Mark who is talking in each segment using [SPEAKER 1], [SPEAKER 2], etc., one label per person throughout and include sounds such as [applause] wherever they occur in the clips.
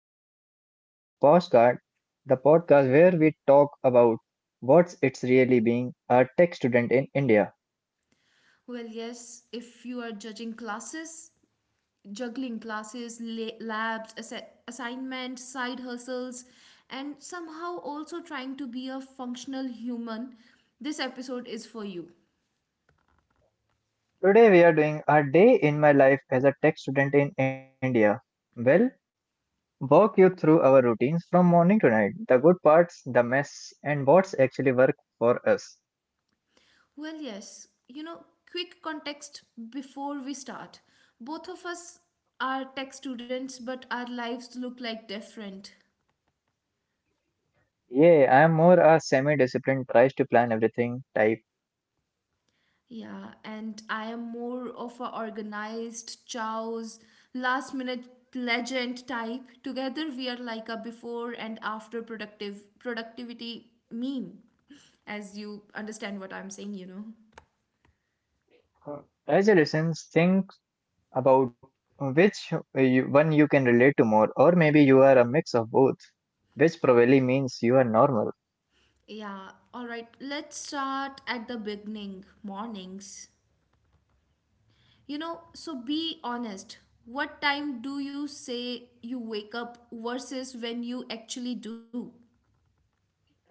[SPEAKER 1] to Life in Code, the podcast where we talk about what's it's really being a tech student in India.
[SPEAKER 2] If you are judging classes, juggling classes, labs, assignments, side hustles, and somehow also trying to be a functional human, this episode is for you.
[SPEAKER 1] Today we are doing a day in my life as a tech student in India. Well, walk you through our routines from morning to night, the good parts, the mess, and what's actually work for us.
[SPEAKER 2] Well, yes, you know, quick context before we start. Both of us are tech students, but our lives look like different.
[SPEAKER 1] Yeah, I am more a semi-disciplined, tries to plan everything type.
[SPEAKER 2] Yeah, and I am more of a organized, chows, last minute legend type. Together we are like a before and after productive productivity meme. As you understand what I'm saying.
[SPEAKER 1] As you listen, think about which one you can relate to more, or maybe you are a mix of both, which probably means you are normal.
[SPEAKER 2] Yeah, all right. Let's start at the beginning, mornings. So be honest. What time do you say you wake up versus when you actually do?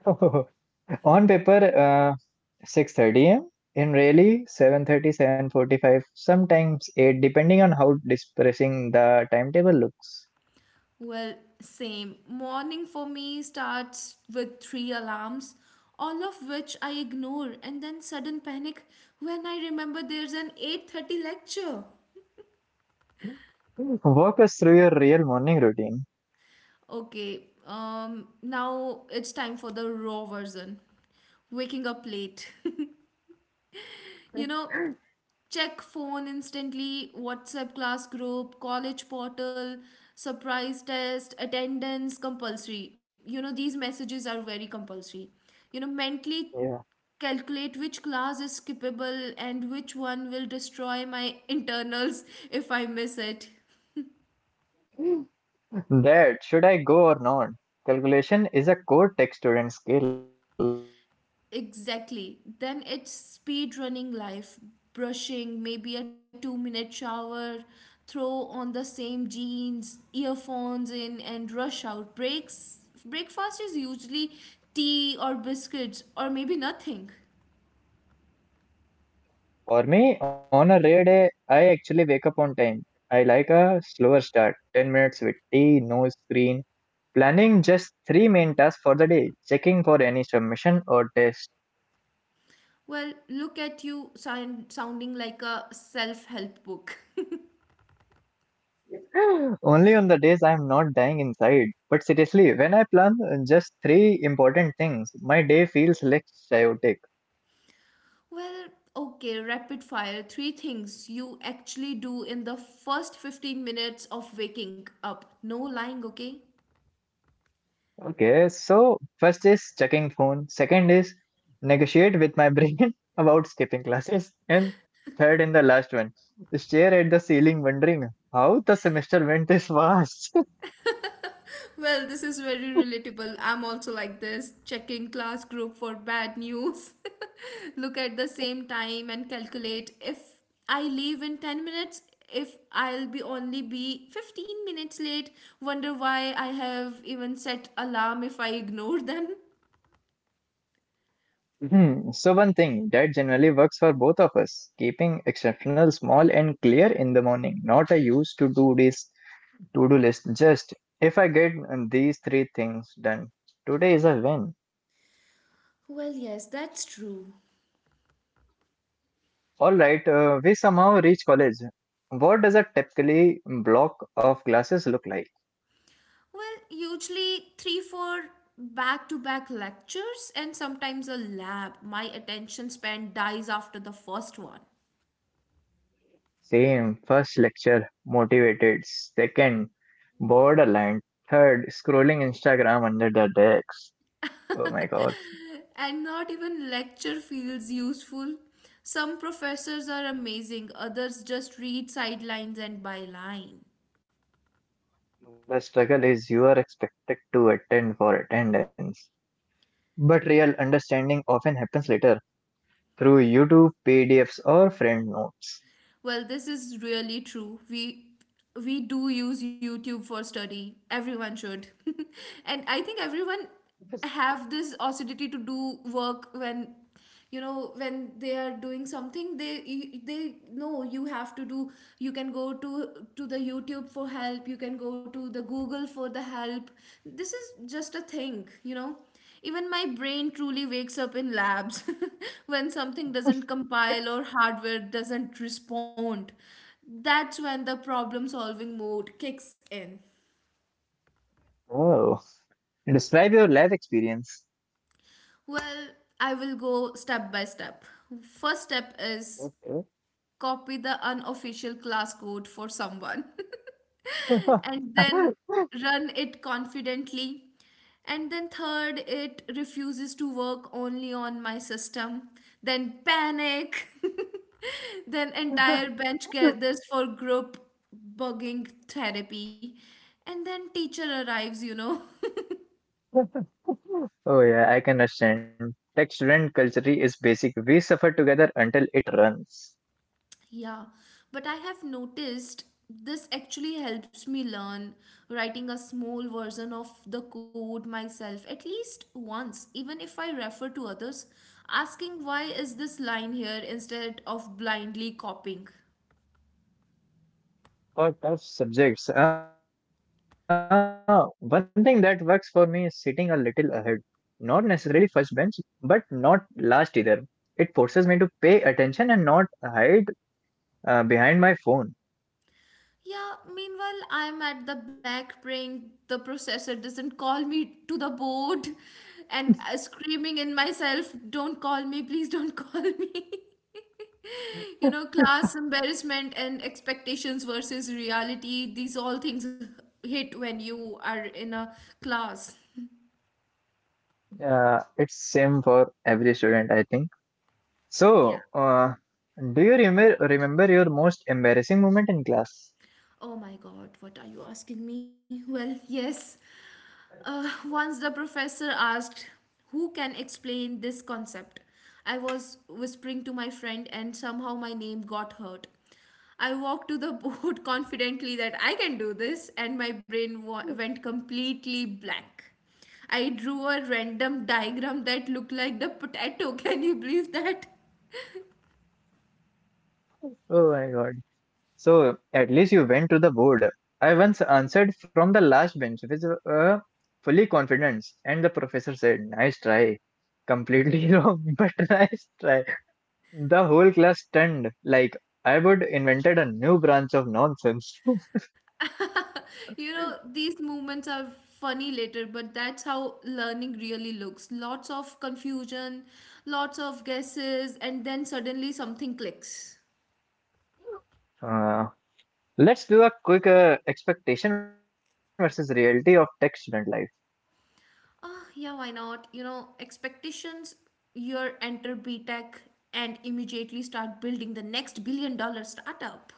[SPEAKER 1] [laughs] On paper, uh, 6:30 a.m. In really 7:30, 7:45, sometimes 8, depending on how depressing the timetable looks.
[SPEAKER 2] Well, same. Morning for me starts with three alarms, all of which I ignore and then sudden panic when I remember there's an 8:30 lecture.
[SPEAKER 1] Walk us through your real morning routine.
[SPEAKER 2] Okay, um now it's time for the raw version. Waking up late. [laughs] you know, check phone instantly, WhatsApp class group, college portal, surprise test, attendance compulsory. These messages are very compulsory, mentally
[SPEAKER 1] Yeah.
[SPEAKER 2] calculate which class is skippable and which one will destroy my internals if I miss it.
[SPEAKER 1] That should I go or not? Calculation is a core tech student skill.
[SPEAKER 2] Exactly. Then it's speed running life, brushing, maybe a 2 minute shower, throw on the same jeans, earphones in, and rush out. Breaks. Breakfast is usually tea or biscuits or maybe nothing.
[SPEAKER 1] For me, on a rare day, I actually wake up on time. I like a slower start, 10 minutes with tea, no screen, planning just three main tasks for the day, checking for any submission or test.
[SPEAKER 2] Well, look at sounding like a self help book. [laughs]
[SPEAKER 1] [gasps] [laughs] Only on the days I'm not dying inside. But seriously, when I plan just three important things, my day feels less chaotic.
[SPEAKER 2] Well, okay, rapid fire. Three things you actually do in the first 15 minutes of waking up. No lying, okay?
[SPEAKER 1] Okay, so first is checking phone, second is negotiate with my brain [laughs] about skipping classes, and third and the last one, stare at the ceiling wondering how the semester went this fast. [laughs]
[SPEAKER 2] Well, this is very relatable. I'm also like this, checking class group for bad news. [laughs] Look at the same time and calculate if I leave in 10 minutes, if I'll be only be 15 minutes late, wonder why I have even set alarm if I ignore them.
[SPEAKER 1] Hmm, so one thing that generally works for both of us, keeping exceptional small and clear in the morning, not a used to do this to-do list. Just if I get these three things done, today is a win.
[SPEAKER 2] Well, yes, that's true.
[SPEAKER 1] All right, we somehow reach college. What does a typically block of classes look like?
[SPEAKER 2] Well, usually three, four back to back lectures and sometimes a lab. My attention span dies after the first one.
[SPEAKER 1] Same, first lecture, motivated. Second, borderline. Third, scrolling Instagram under the desk. Oh my god.
[SPEAKER 2] And not even lecture feels useful. Some professors are amazing, others just read sidelines and bylines.
[SPEAKER 1] The struggle is you are expected to attend for attendance. But real understanding often happens later through YouTube, PDFs, or friend notes.
[SPEAKER 2] Well, this is really true. We do use YouTube for study. Everyone should. [laughs] And I think everyone
[SPEAKER 1] [laughs]
[SPEAKER 2] have this acidity to do work when you know when they are doing something they know you have to do, you can go to the youtube for help, you can go to the google for the help. This is just a thing. Even my brain truly wakes up in labs [laughs] when something doesn't compile or hardware doesn't respond. That's when the problem solving mode kicks in.
[SPEAKER 1] Oh, describe your life experience.
[SPEAKER 2] Well, I will go step by step. First step is copy the unofficial class code for someone [laughs] and then
[SPEAKER 1] [laughs]
[SPEAKER 2] run it confidently. And then third, it refuses to work only on my system. Then panic. [laughs] Then entire bench gathers for group bugging therapy. And then teacher arrives. [laughs]
[SPEAKER 1] Oh yeah, I can understand. Tech student culture is basic. We suffer together until it runs.
[SPEAKER 2] Yeah, but I have noticed this actually helps me learn writing a small version of the code myself at least once, even if I refer to others, asking why is this line here instead of blindly copying.
[SPEAKER 1] For tough subjects, one thing that works for me is sitting a little ahead. Not necessarily first bench, but not last either. It forces me to pay attention and not hide behind my phone.
[SPEAKER 2] Yeah, meanwhile, I'm at the back praying the processor doesn't call me to the board and screaming in myself, "Don't call me, please don't call me." [laughs] Class embarrassment and expectations versus reality, these all things hit when you are in a class.
[SPEAKER 1] It's same for every student, I think.
[SPEAKER 2] Yeah.
[SPEAKER 1] So, do you remember your most embarrassing moment in class?
[SPEAKER 2] Oh my god, what are you asking me? Well, yes. Once the professor asked, "Who can explain this concept?" I was whispering to my friend, and somehow my name got heard. I walked to the board [laughs] confidently that I can do this, and my brain went completely blank. I drew a random diagram that looked like the potato. [laughs] Can you believe that?
[SPEAKER 1] Oh my god. So at least you went to the board. I once answered from the last bench with uh, fully confidence, and the professor said, "Nice try. Completely [laughs] wrong, but nice try." The whole class stunned, like I would invented a new branch of nonsense. [laughs]
[SPEAKER 2] You know, these movements are funny later, but that's how learning really looks. Lots of confusion, lots of guesses, and then suddenly something clicks.
[SPEAKER 1] Uh, let's do a quick expectation versus reality of tech student life.
[SPEAKER 2] Ah, yeah, why not? You know, expectations, you enter b tech and immediately start building the next billion dollar startup.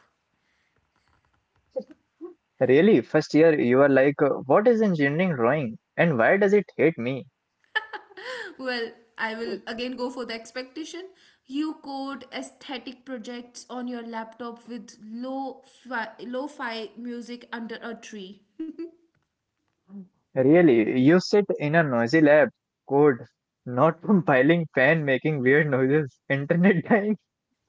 [SPEAKER 1] Really, first year you are like, what is engineering drawing, and why does it hate me?
[SPEAKER 2] Well, I will again go for the expectation. You code aesthetic projects on your laptop with low fi music under a tree.
[SPEAKER 1] Really, you sit in a noisy lab, code, not [laughs] compiling, fan making weird noises, internet dying,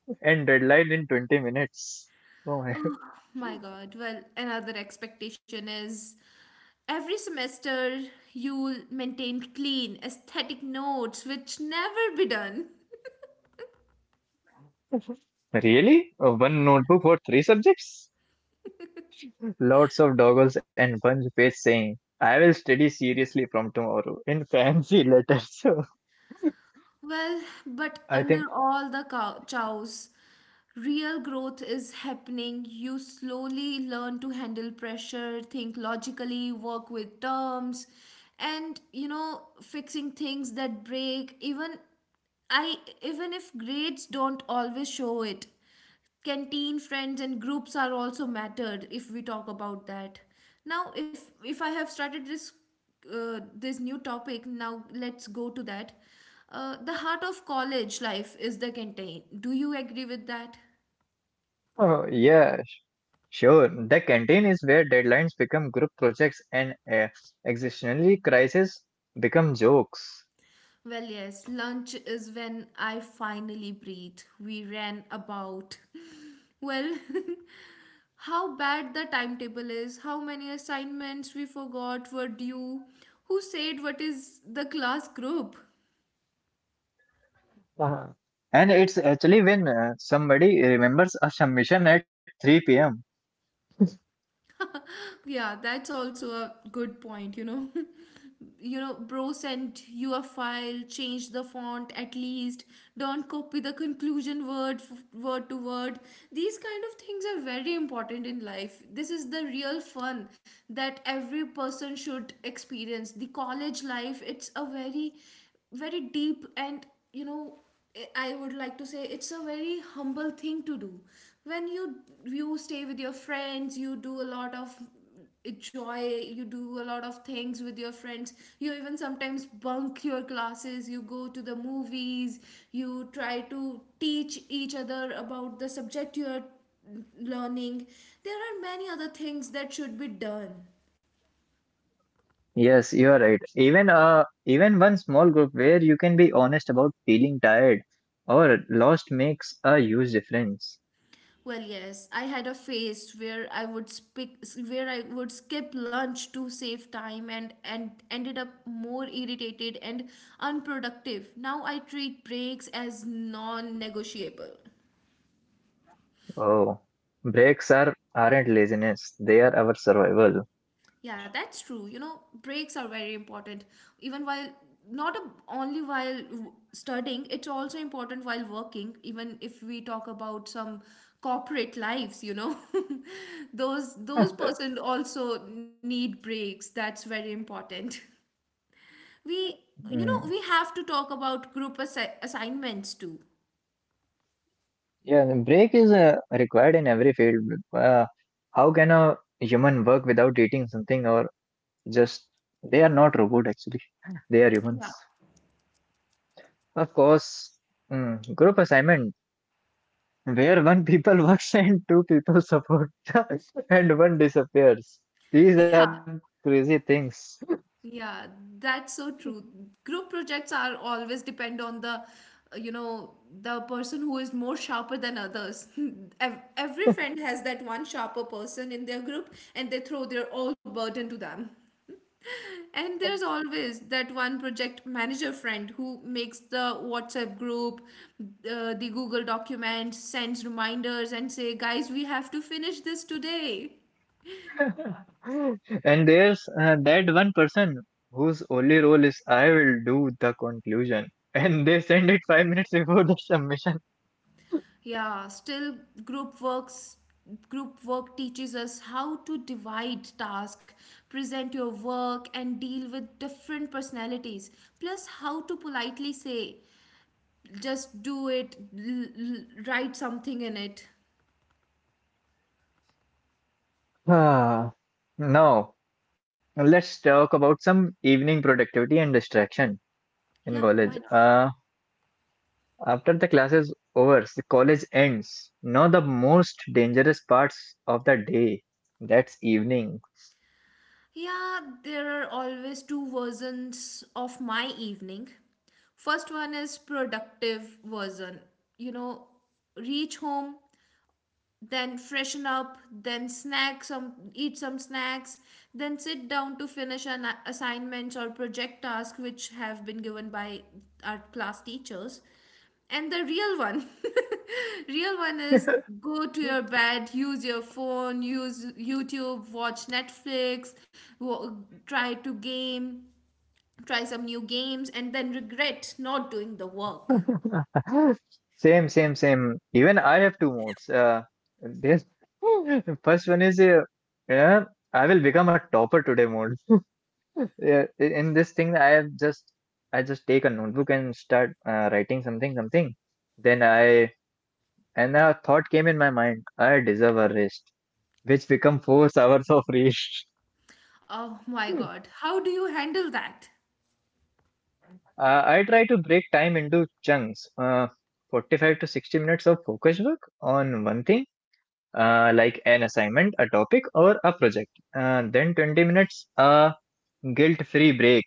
[SPEAKER 1] [laughs] and deadline in 20 minutes. Oh my
[SPEAKER 2] Oh my God. Well, another expectation is every semester you'll maintain clean, aesthetic notes, which never be done.
[SPEAKER 1] god. Really? One notebook for three subjects? Lots of doggles and one page saying, "I will study seriously from tomorrow" in fancy letters. [laughs] So
[SPEAKER 2] Well, but
[SPEAKER 1] I
[SPEAKER 2] under
[SPEAKER 1] think,
[SPEAKER 2] all the chows, real growth is happening. You slowly learn to handle pressure, think logically, work with terms, and fixing things that break. I, Even if grades don't always show it. Canteen friends and groups are also mattered if we talk about that now. If I have started this this new topic, now let's go to that. The heart of college life is the canteen. Do you agree with that?
[SPEAKER 1] oh yeah, sure. The canteen is where deadlines become group projects and existentially crisis become jokes.
[SPEAKER 2] Well, yes, lunch is when I finally breathe. We ran about [laughs] well [laughs] how bad the timetable is, how many assignments we forgot were due, who said what is the class group.
[SPEAKER 1] uh And it's actually when somebody remembers a submission at 3 p.m.
[SPEAKER 2] Yeah, that's also a good point. [laughs] Bro sent you a file, change the font at least, don't copy the conclusion word to word. These kind of things are very important in life. This is the real fun that every person should experience. The college life, it's a very very deep and, you know I I would like to say it's a very humble thing to do. When you stay with your friends, you do a lot of enjoy, you do a lot of things with your friends, you even sometimes bunk your classes, you go to the movies, you try to teach each other about the subject you are learning. There are many other things that should be done.
[SPEAKER 1] Yes, you are right. Even one small group where you can be honest about feeling tired or lost makes a huge difference.
[SPEAKER 2] Well, yes, I had a phase where I would skip lunch to save time, and ended up more irritated and unproductive. Now I treat breaks as non-negotiable.
[SPEAKER 1] Oh, breaks are aren't laziness; they are our survival.
[SPEAKER 2] Yeah, that's true. You know, breaks are very important. Even while not a, only while studying, it's also important while working. Even if we talk about some corporate lives, you know, [laughs] those person also need breaks. That's very important. [laughs] We,
[SPEAKER 1] Mm.
[SPEAKER 2] we have to talk about group assignments too.
[SPEAKER 1] Yeah, the break is required in every field. How can a human work without eating something or just they are not robot actually. [laughs] They are
[SPEAKER 2] Yeah,
[SPEAKER 1] humans. Of course, mm, group assignment where one people [laughs] works and two people support [laughs] and one disappears. These
[SPEAKER 2] [laughs]
[SPEAKER 1] are
[SPEAKER 2] yeah.
[SPEAKER 1] crazy things.
[SPEAKER 2] Yeah, that's so true. Group projects are always depend on the, uh, you know, the person who is more sharper than others. [laughs] Every friend has that one sharper person in their group and they throw their all burden to them. [laughs] And there's always that one project manager friend who makes the WhatsApp group, the Google document, sends reminders and say, "Guys, we have to finish this today."
[SPEAKER 1] [laughs] And there's that one person whose only role is I will do the conclusion. And they send it 5 minutes before the submission.
[SPEAKER 2] Yeah, still group works group work teaches us how to divide task, present your work and deal with different personalities, plus how to politely say, "Just do it, write something in it."
[SPEAKER 1] Ah, Now let's talk about some evening productivity and distraction in
[SPEAKER 2] Yeah, why
[SPEAKER 1] college.
[SPEAKER 2] not?
[SPEAKER 1] After the class is over, the college ends. Now the most dangerous parts of the day, that's evenings.
[SPEAKER 2] Yeah, there are always two versions of my evening. First one is productive version. You know, reach home, then freshen up, then snack some eat some snacks, then sit down to finish an assignments or project task which have been given by our class teachers. And the real one [laughs] real one is go to your bed, use your phone, use youtube, watch netflix, wo- try to game, try some new games, and then regret not doing the work.
[SPEAKER 1] [laughs] Same, same, same. Even I have two modes. This [laughs] First one is yeah, I will become a topper today. In this thing I just take a notebook and start writing something. Then I and a thought came in my mind: I deserve a rest, which become four [laughs] hours of rest.
[SPEAKER 2] Oh my god, how do you handle that?
[SPEAKER 1] I try to break time into chunks, 45 to 60 minutes of focus work on one thing, like an assignment, a topic, or a project, then 20 minutes a guilt free break,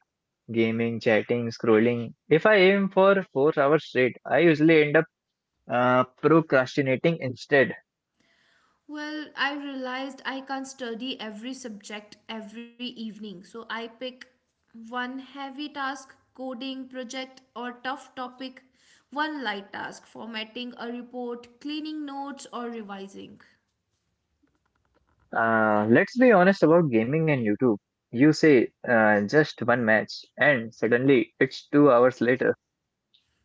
[SPEAKER 1] gaming, chatting, scrolling. If I aim for 4 hours straight I usually end up procrastinating instead.
[SPEAKER 2] Well, I realized I can't study every subject every evening, so I pick one heavy task, coding project, or tough topic, one light task, formatting a report, cleaning notes, or revising.
[SPEAKER 1] Let's be honest about gaming and YouTube. You say just one match, and suddenly it's 2 hours later.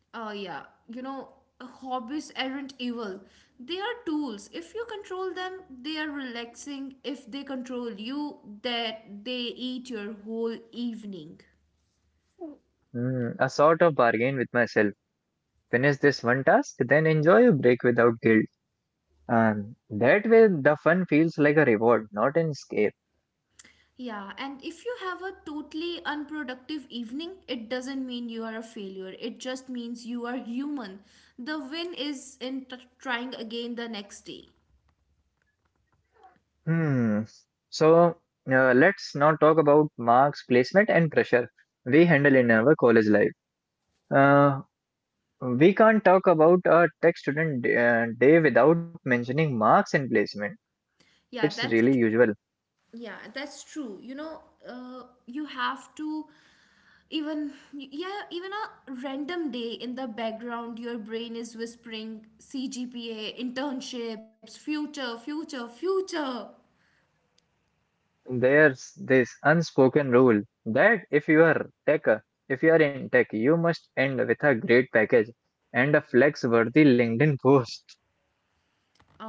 [SPEAKER 2] Oh, yeah, you know, hobbies aren't evil, they are tools. If you control them, they are relaxing. If they control you, that they eat your whole evening.
[SPEAKER 1] Hmm, a sort of bargain with myself. Finish this one task, then enjoy a break without guilt. That way, the fun feels like a reward, not an escape.
[SPEAKER 2] Yeah, and if you have a totally unproductive evening, it doesn't mean you are a failure. It just means you are human. The win is in trying again the next day.
[SPEAKER 1] Hmm. So let's now talk about marks, placement, and pressure we handle in our college life. Uh, We can't talk about a tech student day without mentioning marks and placement. It's
[SPEAKER 2] Yeah, that's
[SPEAKER 1] really usual.
[SPEAKER 2] yeah, that's true. You have to, even a random day in the background, your brain is whispering CGPA, internships, future, future, future.
[SPEAKER 1] There's this unspoken rule that if you are in tech, you must end with a great package and a flex-worthy LinkedIn post.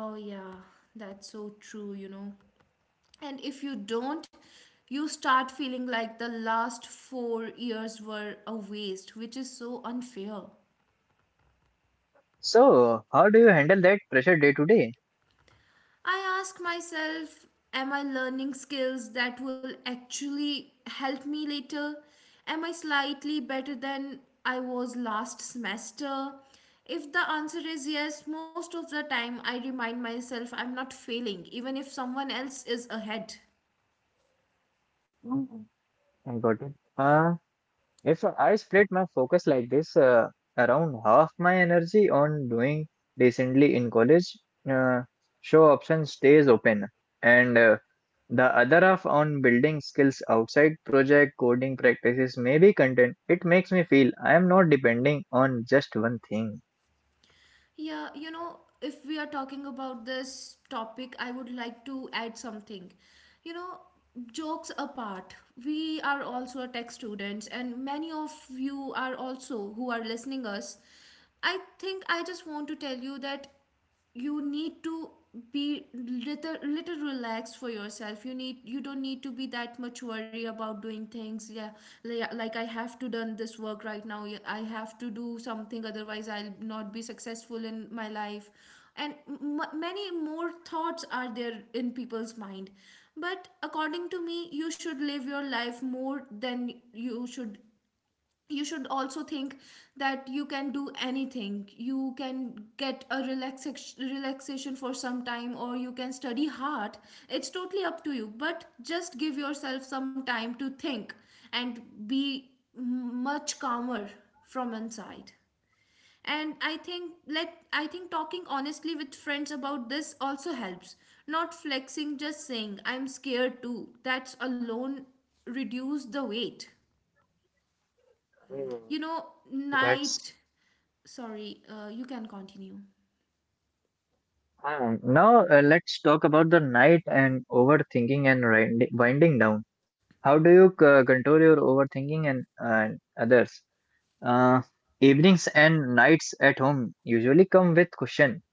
[SPEAKER 2] Oh yeah, that's so true, you know. And if you don't, you start feeling like the last 4 years were a waste, which is so unfair.
[SPEAKER 1] So, how do you handle that pressure day to day?
[SPEAKER 2] I ask myself, am I learning skills that will actually help me later? Am I slightly better than I was last semester? If the answer is yes, most of the time I remind myself I'm not failing, even if someone else is ahead.
[SPEAKER 1] Mhm. I got it. If I split my focus like this, around half my energy on doing decently in college, uh, show option stays open, and the other half on building skills outside project coding practices, maybe content. It makes me feel I am not depending on just one thing.
[SPEAKER 2] Yeah, you know, if we are talking about this topic, I would like to add something. You know, jokes apart, we are also a tech students, and many of you are also who are listening us. I think I just want to tell you that you need to be little relaxed for yourself. You need you don't need to be that much worry about doing things. Yeah, like I have to done this work right now. Yeah, I have to do something, otherwise I'll not be successful in my life. And many more thoughts are there in people's mind. But according to me, you should live your life more than you should also think that you can do anything. You can get a relaxation for some time, or you can study hard. It's totally up to you, but just give yourself some time to think and be much calmer from inside. And I think talking honestly with friends about this also helps. Not flexing, just saying I'm scared too, that's alone reduce the weight.
[SPEAKER 1] Hmm.
[SPEAKER 2] You know.
[SPEAKER 1] That's
[SPEAKER 2] Night. Sorry, you can continue.
[SPEAKER 1] now let's talk about the night and overthinking and winding down. How do you control your overthinking and others? Uh, Evenings and nights at home usually come with cushion.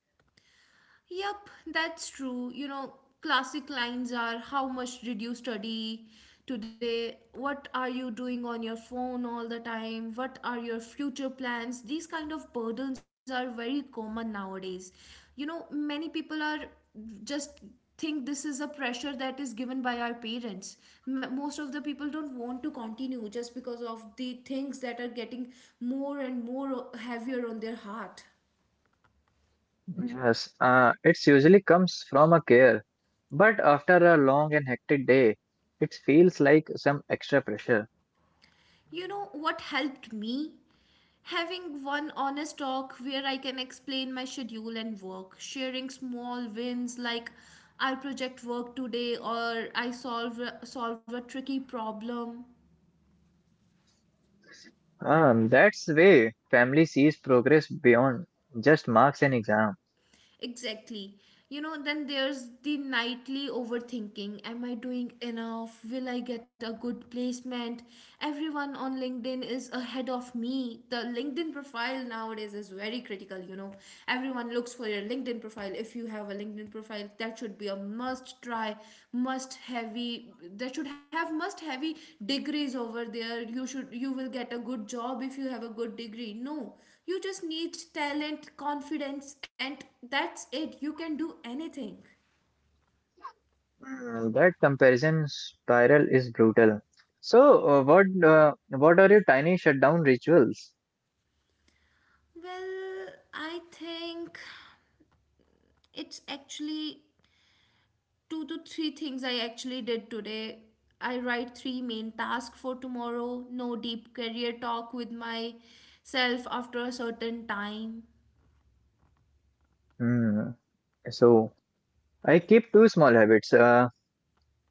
[SPEAKER 2] Yep, that's true. You know, classic lines are, how much did you study today? What are you doing on your phone all the time? What are your future plans? These kind of burdens are very common nowadays. You know, many people are just think this is a pressure that is given by our parents. Most of the people don't want to continue just because of the things that are getting more and more heavier on their heart.
[SPEAKER 1] Yes, it usually comes from a care, but after a long and hectic day, it feels like some extra pressure.
[SPEAKER 2] You know what helped me? Having one honest talk where I can explain my schedule and work, sharing small wins like I project work today or I solve a tricky problem.
[SPEAKER 1] That's way family sees progress beyond just marks and exam.
[SPEAKER 2] Exactly. You know, then there's the nightly overthinking. Am I doing enough? Will I get a good placement? Everyone on LinkedIn is ahead of me. The LinkedIn profile nowadays is very critical, you know. Everyone looks for your LinkedIn profile. If you have a LinkedIn profile, that should be a must try, must heavy, that should have must heavy degrees over there. You will get a good job if you have a good degree. No. You just need talent, confidence, and that's it. You can do anything.
[SPEAKER 1] Mm, that comparison spiral is brutal. So, what are your tiny shutdown rituals?
[SPEAKER 2] Well, I think it's actually two to three things I actually did today. I write three main tasks for tomorrow, no deep career talk with myself after a certain time.
[SPEAKER 1] Hmm. So, I keep two small habits.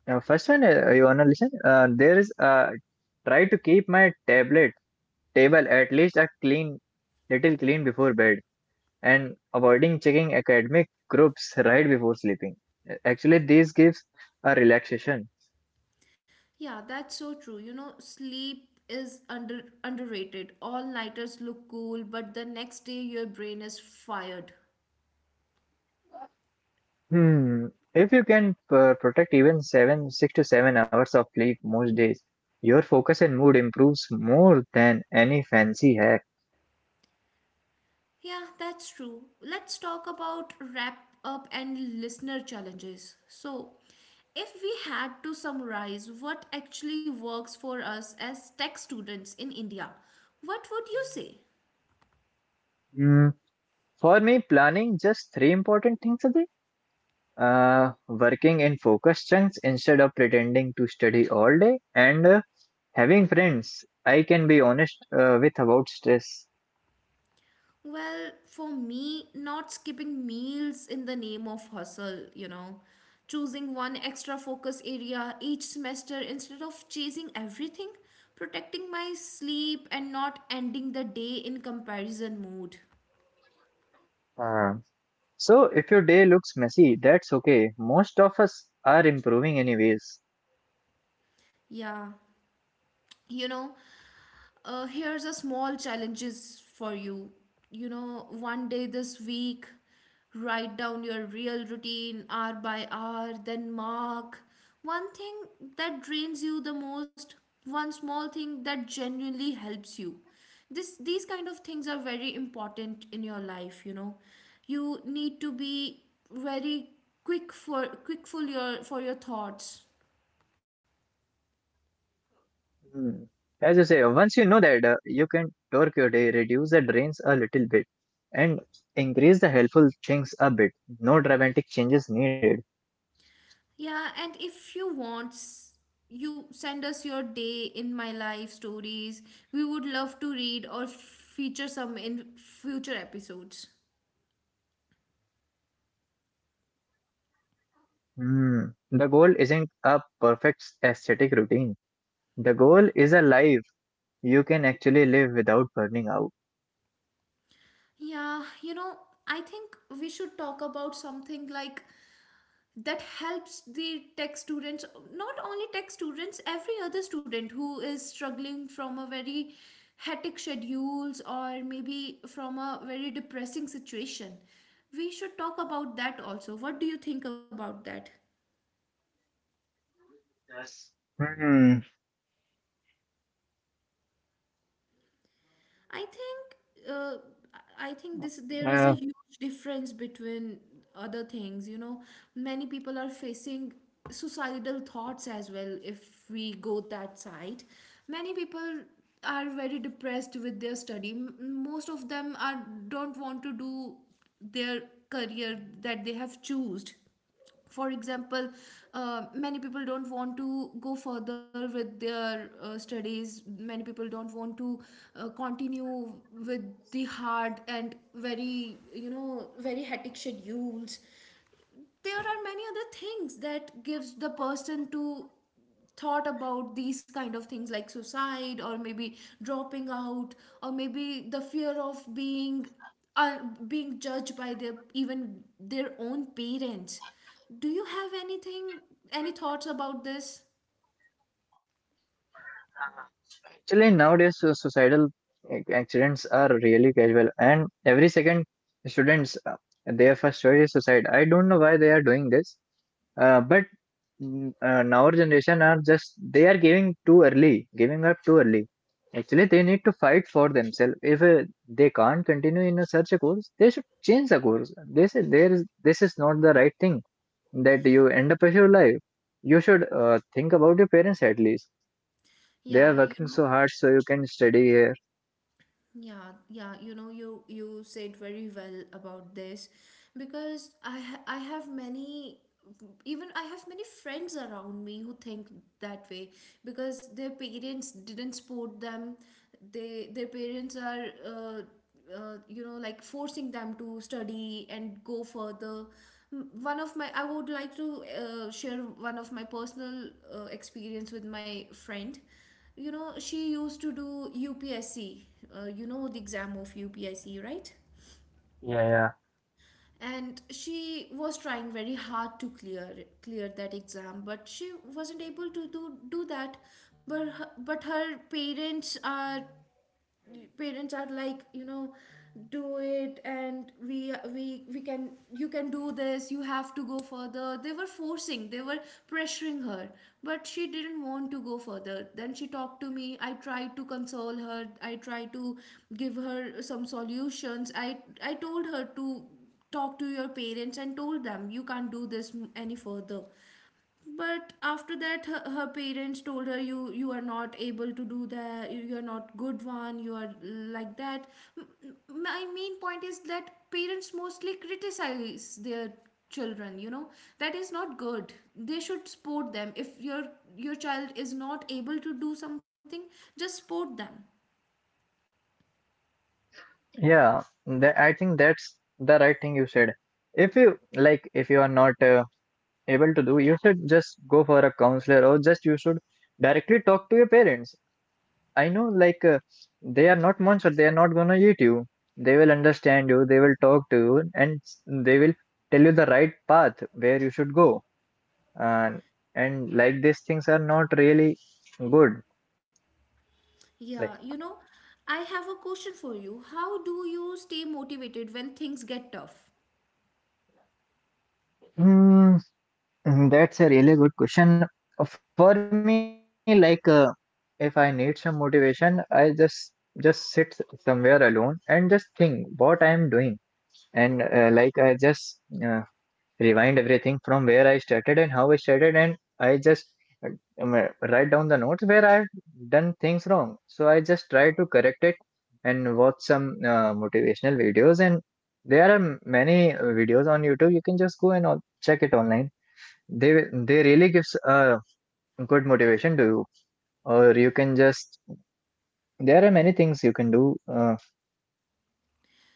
[SPEAKER 1] Now, first one, you wanna listen? There is Try to keep my table at least a little clean before bed, and avoiding checking academic groups right before sleeping. Actually, this gives a relaxation.
[SPEAKER 2] Yeah, that's so true. You know, sleep is under underrated. All nighters look cool, but the next day your brain is fired.
[SPEAKER 1] Hmm. If you can protect even 6 to 7 hours of sleep most days, your focus and mood improves more than any fancy hack.
[SPEAKER 2] Yeah, that's true. Let's talk about wrap up and listener challenges. So, if we had to summarize what actually works for us as tech students in India, what would you say?
[SPEAKER 1] Hmm. For me, planning just three important things a day, working in focus chunks instead of pretending to study all day, and having friends I can be honest with about stress.
[SPEAKER 2] Well, for me, not skipping meals in the name of hustle, you know, choosing one extra focus area each semester instead of chasing everything, protecting my sleep, and not ending the day in comparison mood.
[SPEAKER 1] Uh, so, if your day looks messy, that's okay. Most of us are improving anyways.
[SPEAKER 2] Yeah. you know Here's a small challenges for you. You know, one day this week, write down your real routine hour by hour, then mark one thing that drains you the most, one small thing that genuinely helps you. This These kind of things are very important in your life, you know. You need to be very quick for your thoughts.
[SPEAKER 1] Hmm. As you say, once you know that, you can torque your day, reduce the drains a little bit, and increase the helpful things a bit. No dramatic changes needed.
[SPEAKER 2] Yeah, and if you want, you send us your day in my life stories. We would love to read or feature some in future episodes.
[SPEAKER 1] Hmm. The goal isn't a perfect aesthetic routine. The goal is a life you can actually live without burning out.
[SPEAKER 2] Yeah, you know, I think we should talk about something like that helps the tech students, not only tech students, every other student who is struggling from a very hectic schedules or maybe from a very depressing situation. We should talk about that also. What do you think about that?
[SPEAKER 1] Hmm.
[SPEAKER 2] I think uh, I think this there is
[SPEAKER 1] Uh,
[SPEAKER 2] a huge difference between other things. You know, many people are facing suicidal thoughts as well. If we go that side, many people are very depressed with their study. Most of them are don't want to do their career that they have chosen. For example, many people don't want to go further with their studies. Many people don't want to continue with the hard and very, you know, very hectic schedules. There are many other things that gives the person to thought about these kind of things like suicide, or maybe dropping out, or maybe the fear of being uh, being judged by their even their own parents. Do you have anything, any thoughts about this?
[SPEAKER 1] Actually, nowadays suicidal accidents are really casual, and every second students their first choice is suicide. I don't know why they are doing this, but now our generation are just they are giving too early, giving up too early. Actually, they need to fight for themselves. If they can't continue in a such a course, they should change the course. They say there is this is not the right thing that you end up with your life. You should think about your parents at least; they
[SPEAKER 2] Yeah,
[SPEAKER 1] are
[SPEAKER 2] you
[SPEAKER 1] working
[SPEAKER 2] know.
[SPEAKER 1] so hard so you can study here.
[SPEAKER 2] Yeah, yeah, you know, you said very well about this, because I have many, even I have many friends around me who think that way because their parents didn't support them. They their parents are you know, like, forcing them to study and go further. One of my, I would like to share one of my personal experience with my friend. You know, she used to do UPSC, you know, the exam of UPSC, right?
[SPEAKER 1] Yeah, yeah.
[SPEAKER 2] And she was trying very hard to clear that exam, but she wasn't able to do that. But her parents are parents are, like, you know, do it and we can you can do this, you have to go further. They were forcing, they were pressuring her, but she didn't want to go further. Then she talked to me. I tried to console her, I tried to give her some solutions. I told her to talk to your parents and told them you can't do this any further. But after that, her parents told her, you are not able to do that, you are not good one, you are like that. My main point is that parents mostly criticize their children, you know. That is not good. They should support them. If your child is not able to do something, just support them.
[SPEAKER 1] Yeah, that, I think that's the right thing you said. If you like, if you are not able to do, you should just go for a counselor or just you should directly talk to your parents. I know, like, they are not monster, they are not gonna eat you. They will understand you, they will talk to you, and they will tell you the right path where you should go. And and like these things are not really good.
[SPEAKER 2] Yeah, you know, I have a question for you. How do you stay motivated when things get tough?
[SPEAKER 1] Like, mhm, that's a really good question. For me, like if I need some motivation, I just sit somewhere alone and just think what I am doing, and like I just uh, rewind everything from where I started and how I started, and I just uh, write down the notes where I've done things wrong. So I just try to correct it and watch some motivational videos, and there are many videos on YouTube. You can just go and check it online. They really gives a good motivation to you. Or you can just there are many things you can do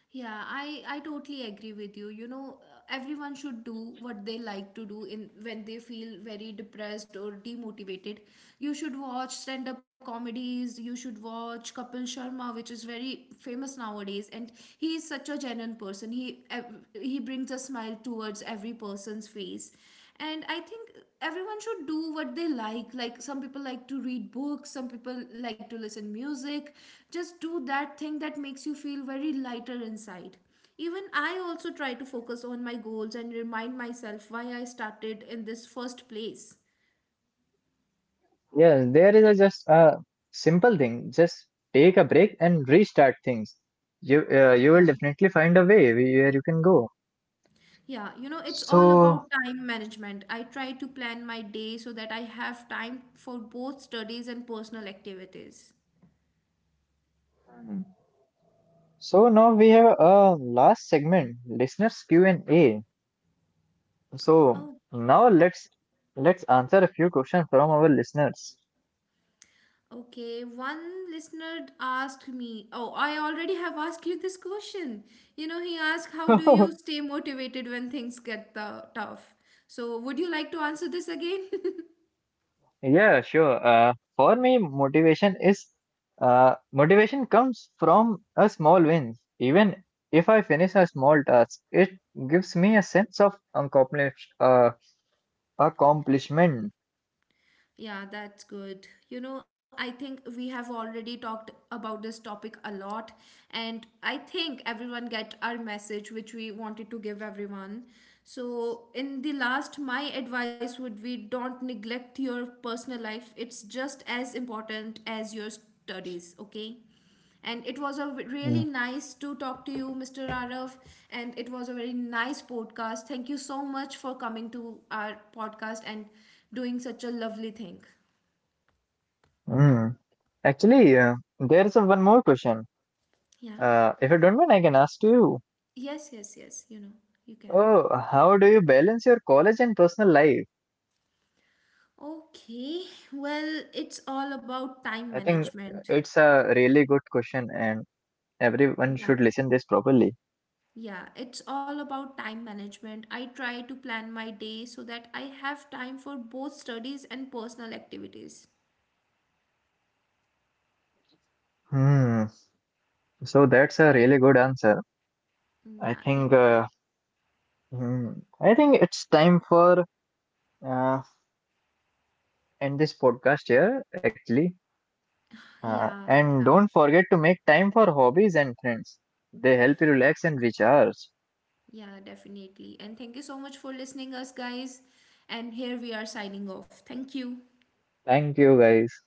[SPEAKER 2] Yeah, I totally agree with you. You know, everyone should do what they like to do in when they feel very depressed or demotivated. You should watch stand-up comedies, you should watch Kapil Sharma, which is very famous nowadays, and he is such a genuine person. He brings a smile towards every person's face. And I think everyone should do what they like. Like, some people like to read books, some people like to listen music. Just do that thing that makes you feel very lighter inside. Even I also try to focus on my goals and remind myself why I started in this first place.
[SPEAKER 1] yeah. There is a just a simple thing: just take a break and restart things. You you
[SPEAKER 2] Yeah.
[SPEAKER 1] will definitely find a way where you can go.
[SPEAKER 2] Yeah, you know, it's all
[SPEAKER 1] so
[SPEAKER 2] about time management. I try to plan my day so that I have time for both studies and personal activities.
[SPEAKER 1] Hmm. So now we have a last segment, listeners Q&A. So
[SPEAKER 2] Oh.
[SPEAKER 1] now let's answer a few questions from our listeners.
[SPEAKER 2] Okay, one listener asked me, oh, I already have asked you this question. You know, he asked, how do you
[SPEAKER 1] [laughs]
[SPEAKER 2] stay motivated when things get tough? So, would you like to answer this again? [laughs]
[SPEAKER 1] Yeah, sure. For me, motivation comes from a small win. Even if I finish a small task, it gives me a sense of accomplishment.
[SPEAKER 2] Yeah, that's good. You know, I think we have already talked about this topic a lot, and I think everyone get our message which we wanted to give everyone. So, in the last, my advice would be don't neglect your personal life. It's just as important as your studies, okay? And it was a really
[SPEAKER 1] Mm.
[SPEAKER 2] nice to talk to you, Mr. Arav. And it was a very nice podcast. Thank you so much for coming to our podcast and doing such a lovely thing.
[SPEAKER 1] Mm. Actually, there's a one more question.
[SPEAKER 2] Yeah.
[SPEAKER 1] If you don't mind, I can ask to you.
[SPEAKER 2] Yes, yes, yes. You know, you can.
[SPEAKER 1] Oh, how do you balance your college and personal life?
[SPEAKER 2] Okay. Well, it's all about
[SPEAKER 1] I
[SPEAKER 2] time
[SPEAKER 1] think
[SPEAKER 2] management.
[SPEAKER 1] it's a really good question, and everyone
[SPEAKER 2] Yeah.
[SPEAKER 1] should listen this properly.
[SPEAKER 2] Yeah, it's all about time management. I try to plan my day so that I have time for both studies and personal activities.
[SPEAKER 1] Hmm. So that's a really good answer.
[SPEAKER 2] Mm,
[SPEAKER 1] I
[SPEAKER 2] yeah,
[SPEAKER 1] think
[SPEAKER 2] thank you.
[SPEAKER 1] hmm, I think it's time for uh, end this podcast here actually.
[SPEAKER 2] Yeah,
[SPEAKER 1] And
[SPEAKER 2] yeah.
[SPEAKER 1] don't forget to make time for hobbies and friends. They help you relax and recharge.
[SPEAKER 2] Yeah, definitely. And thank you so much for listening us guys. And here we are signing off. Thank you.
[SPEAKER 1] Thank you guys.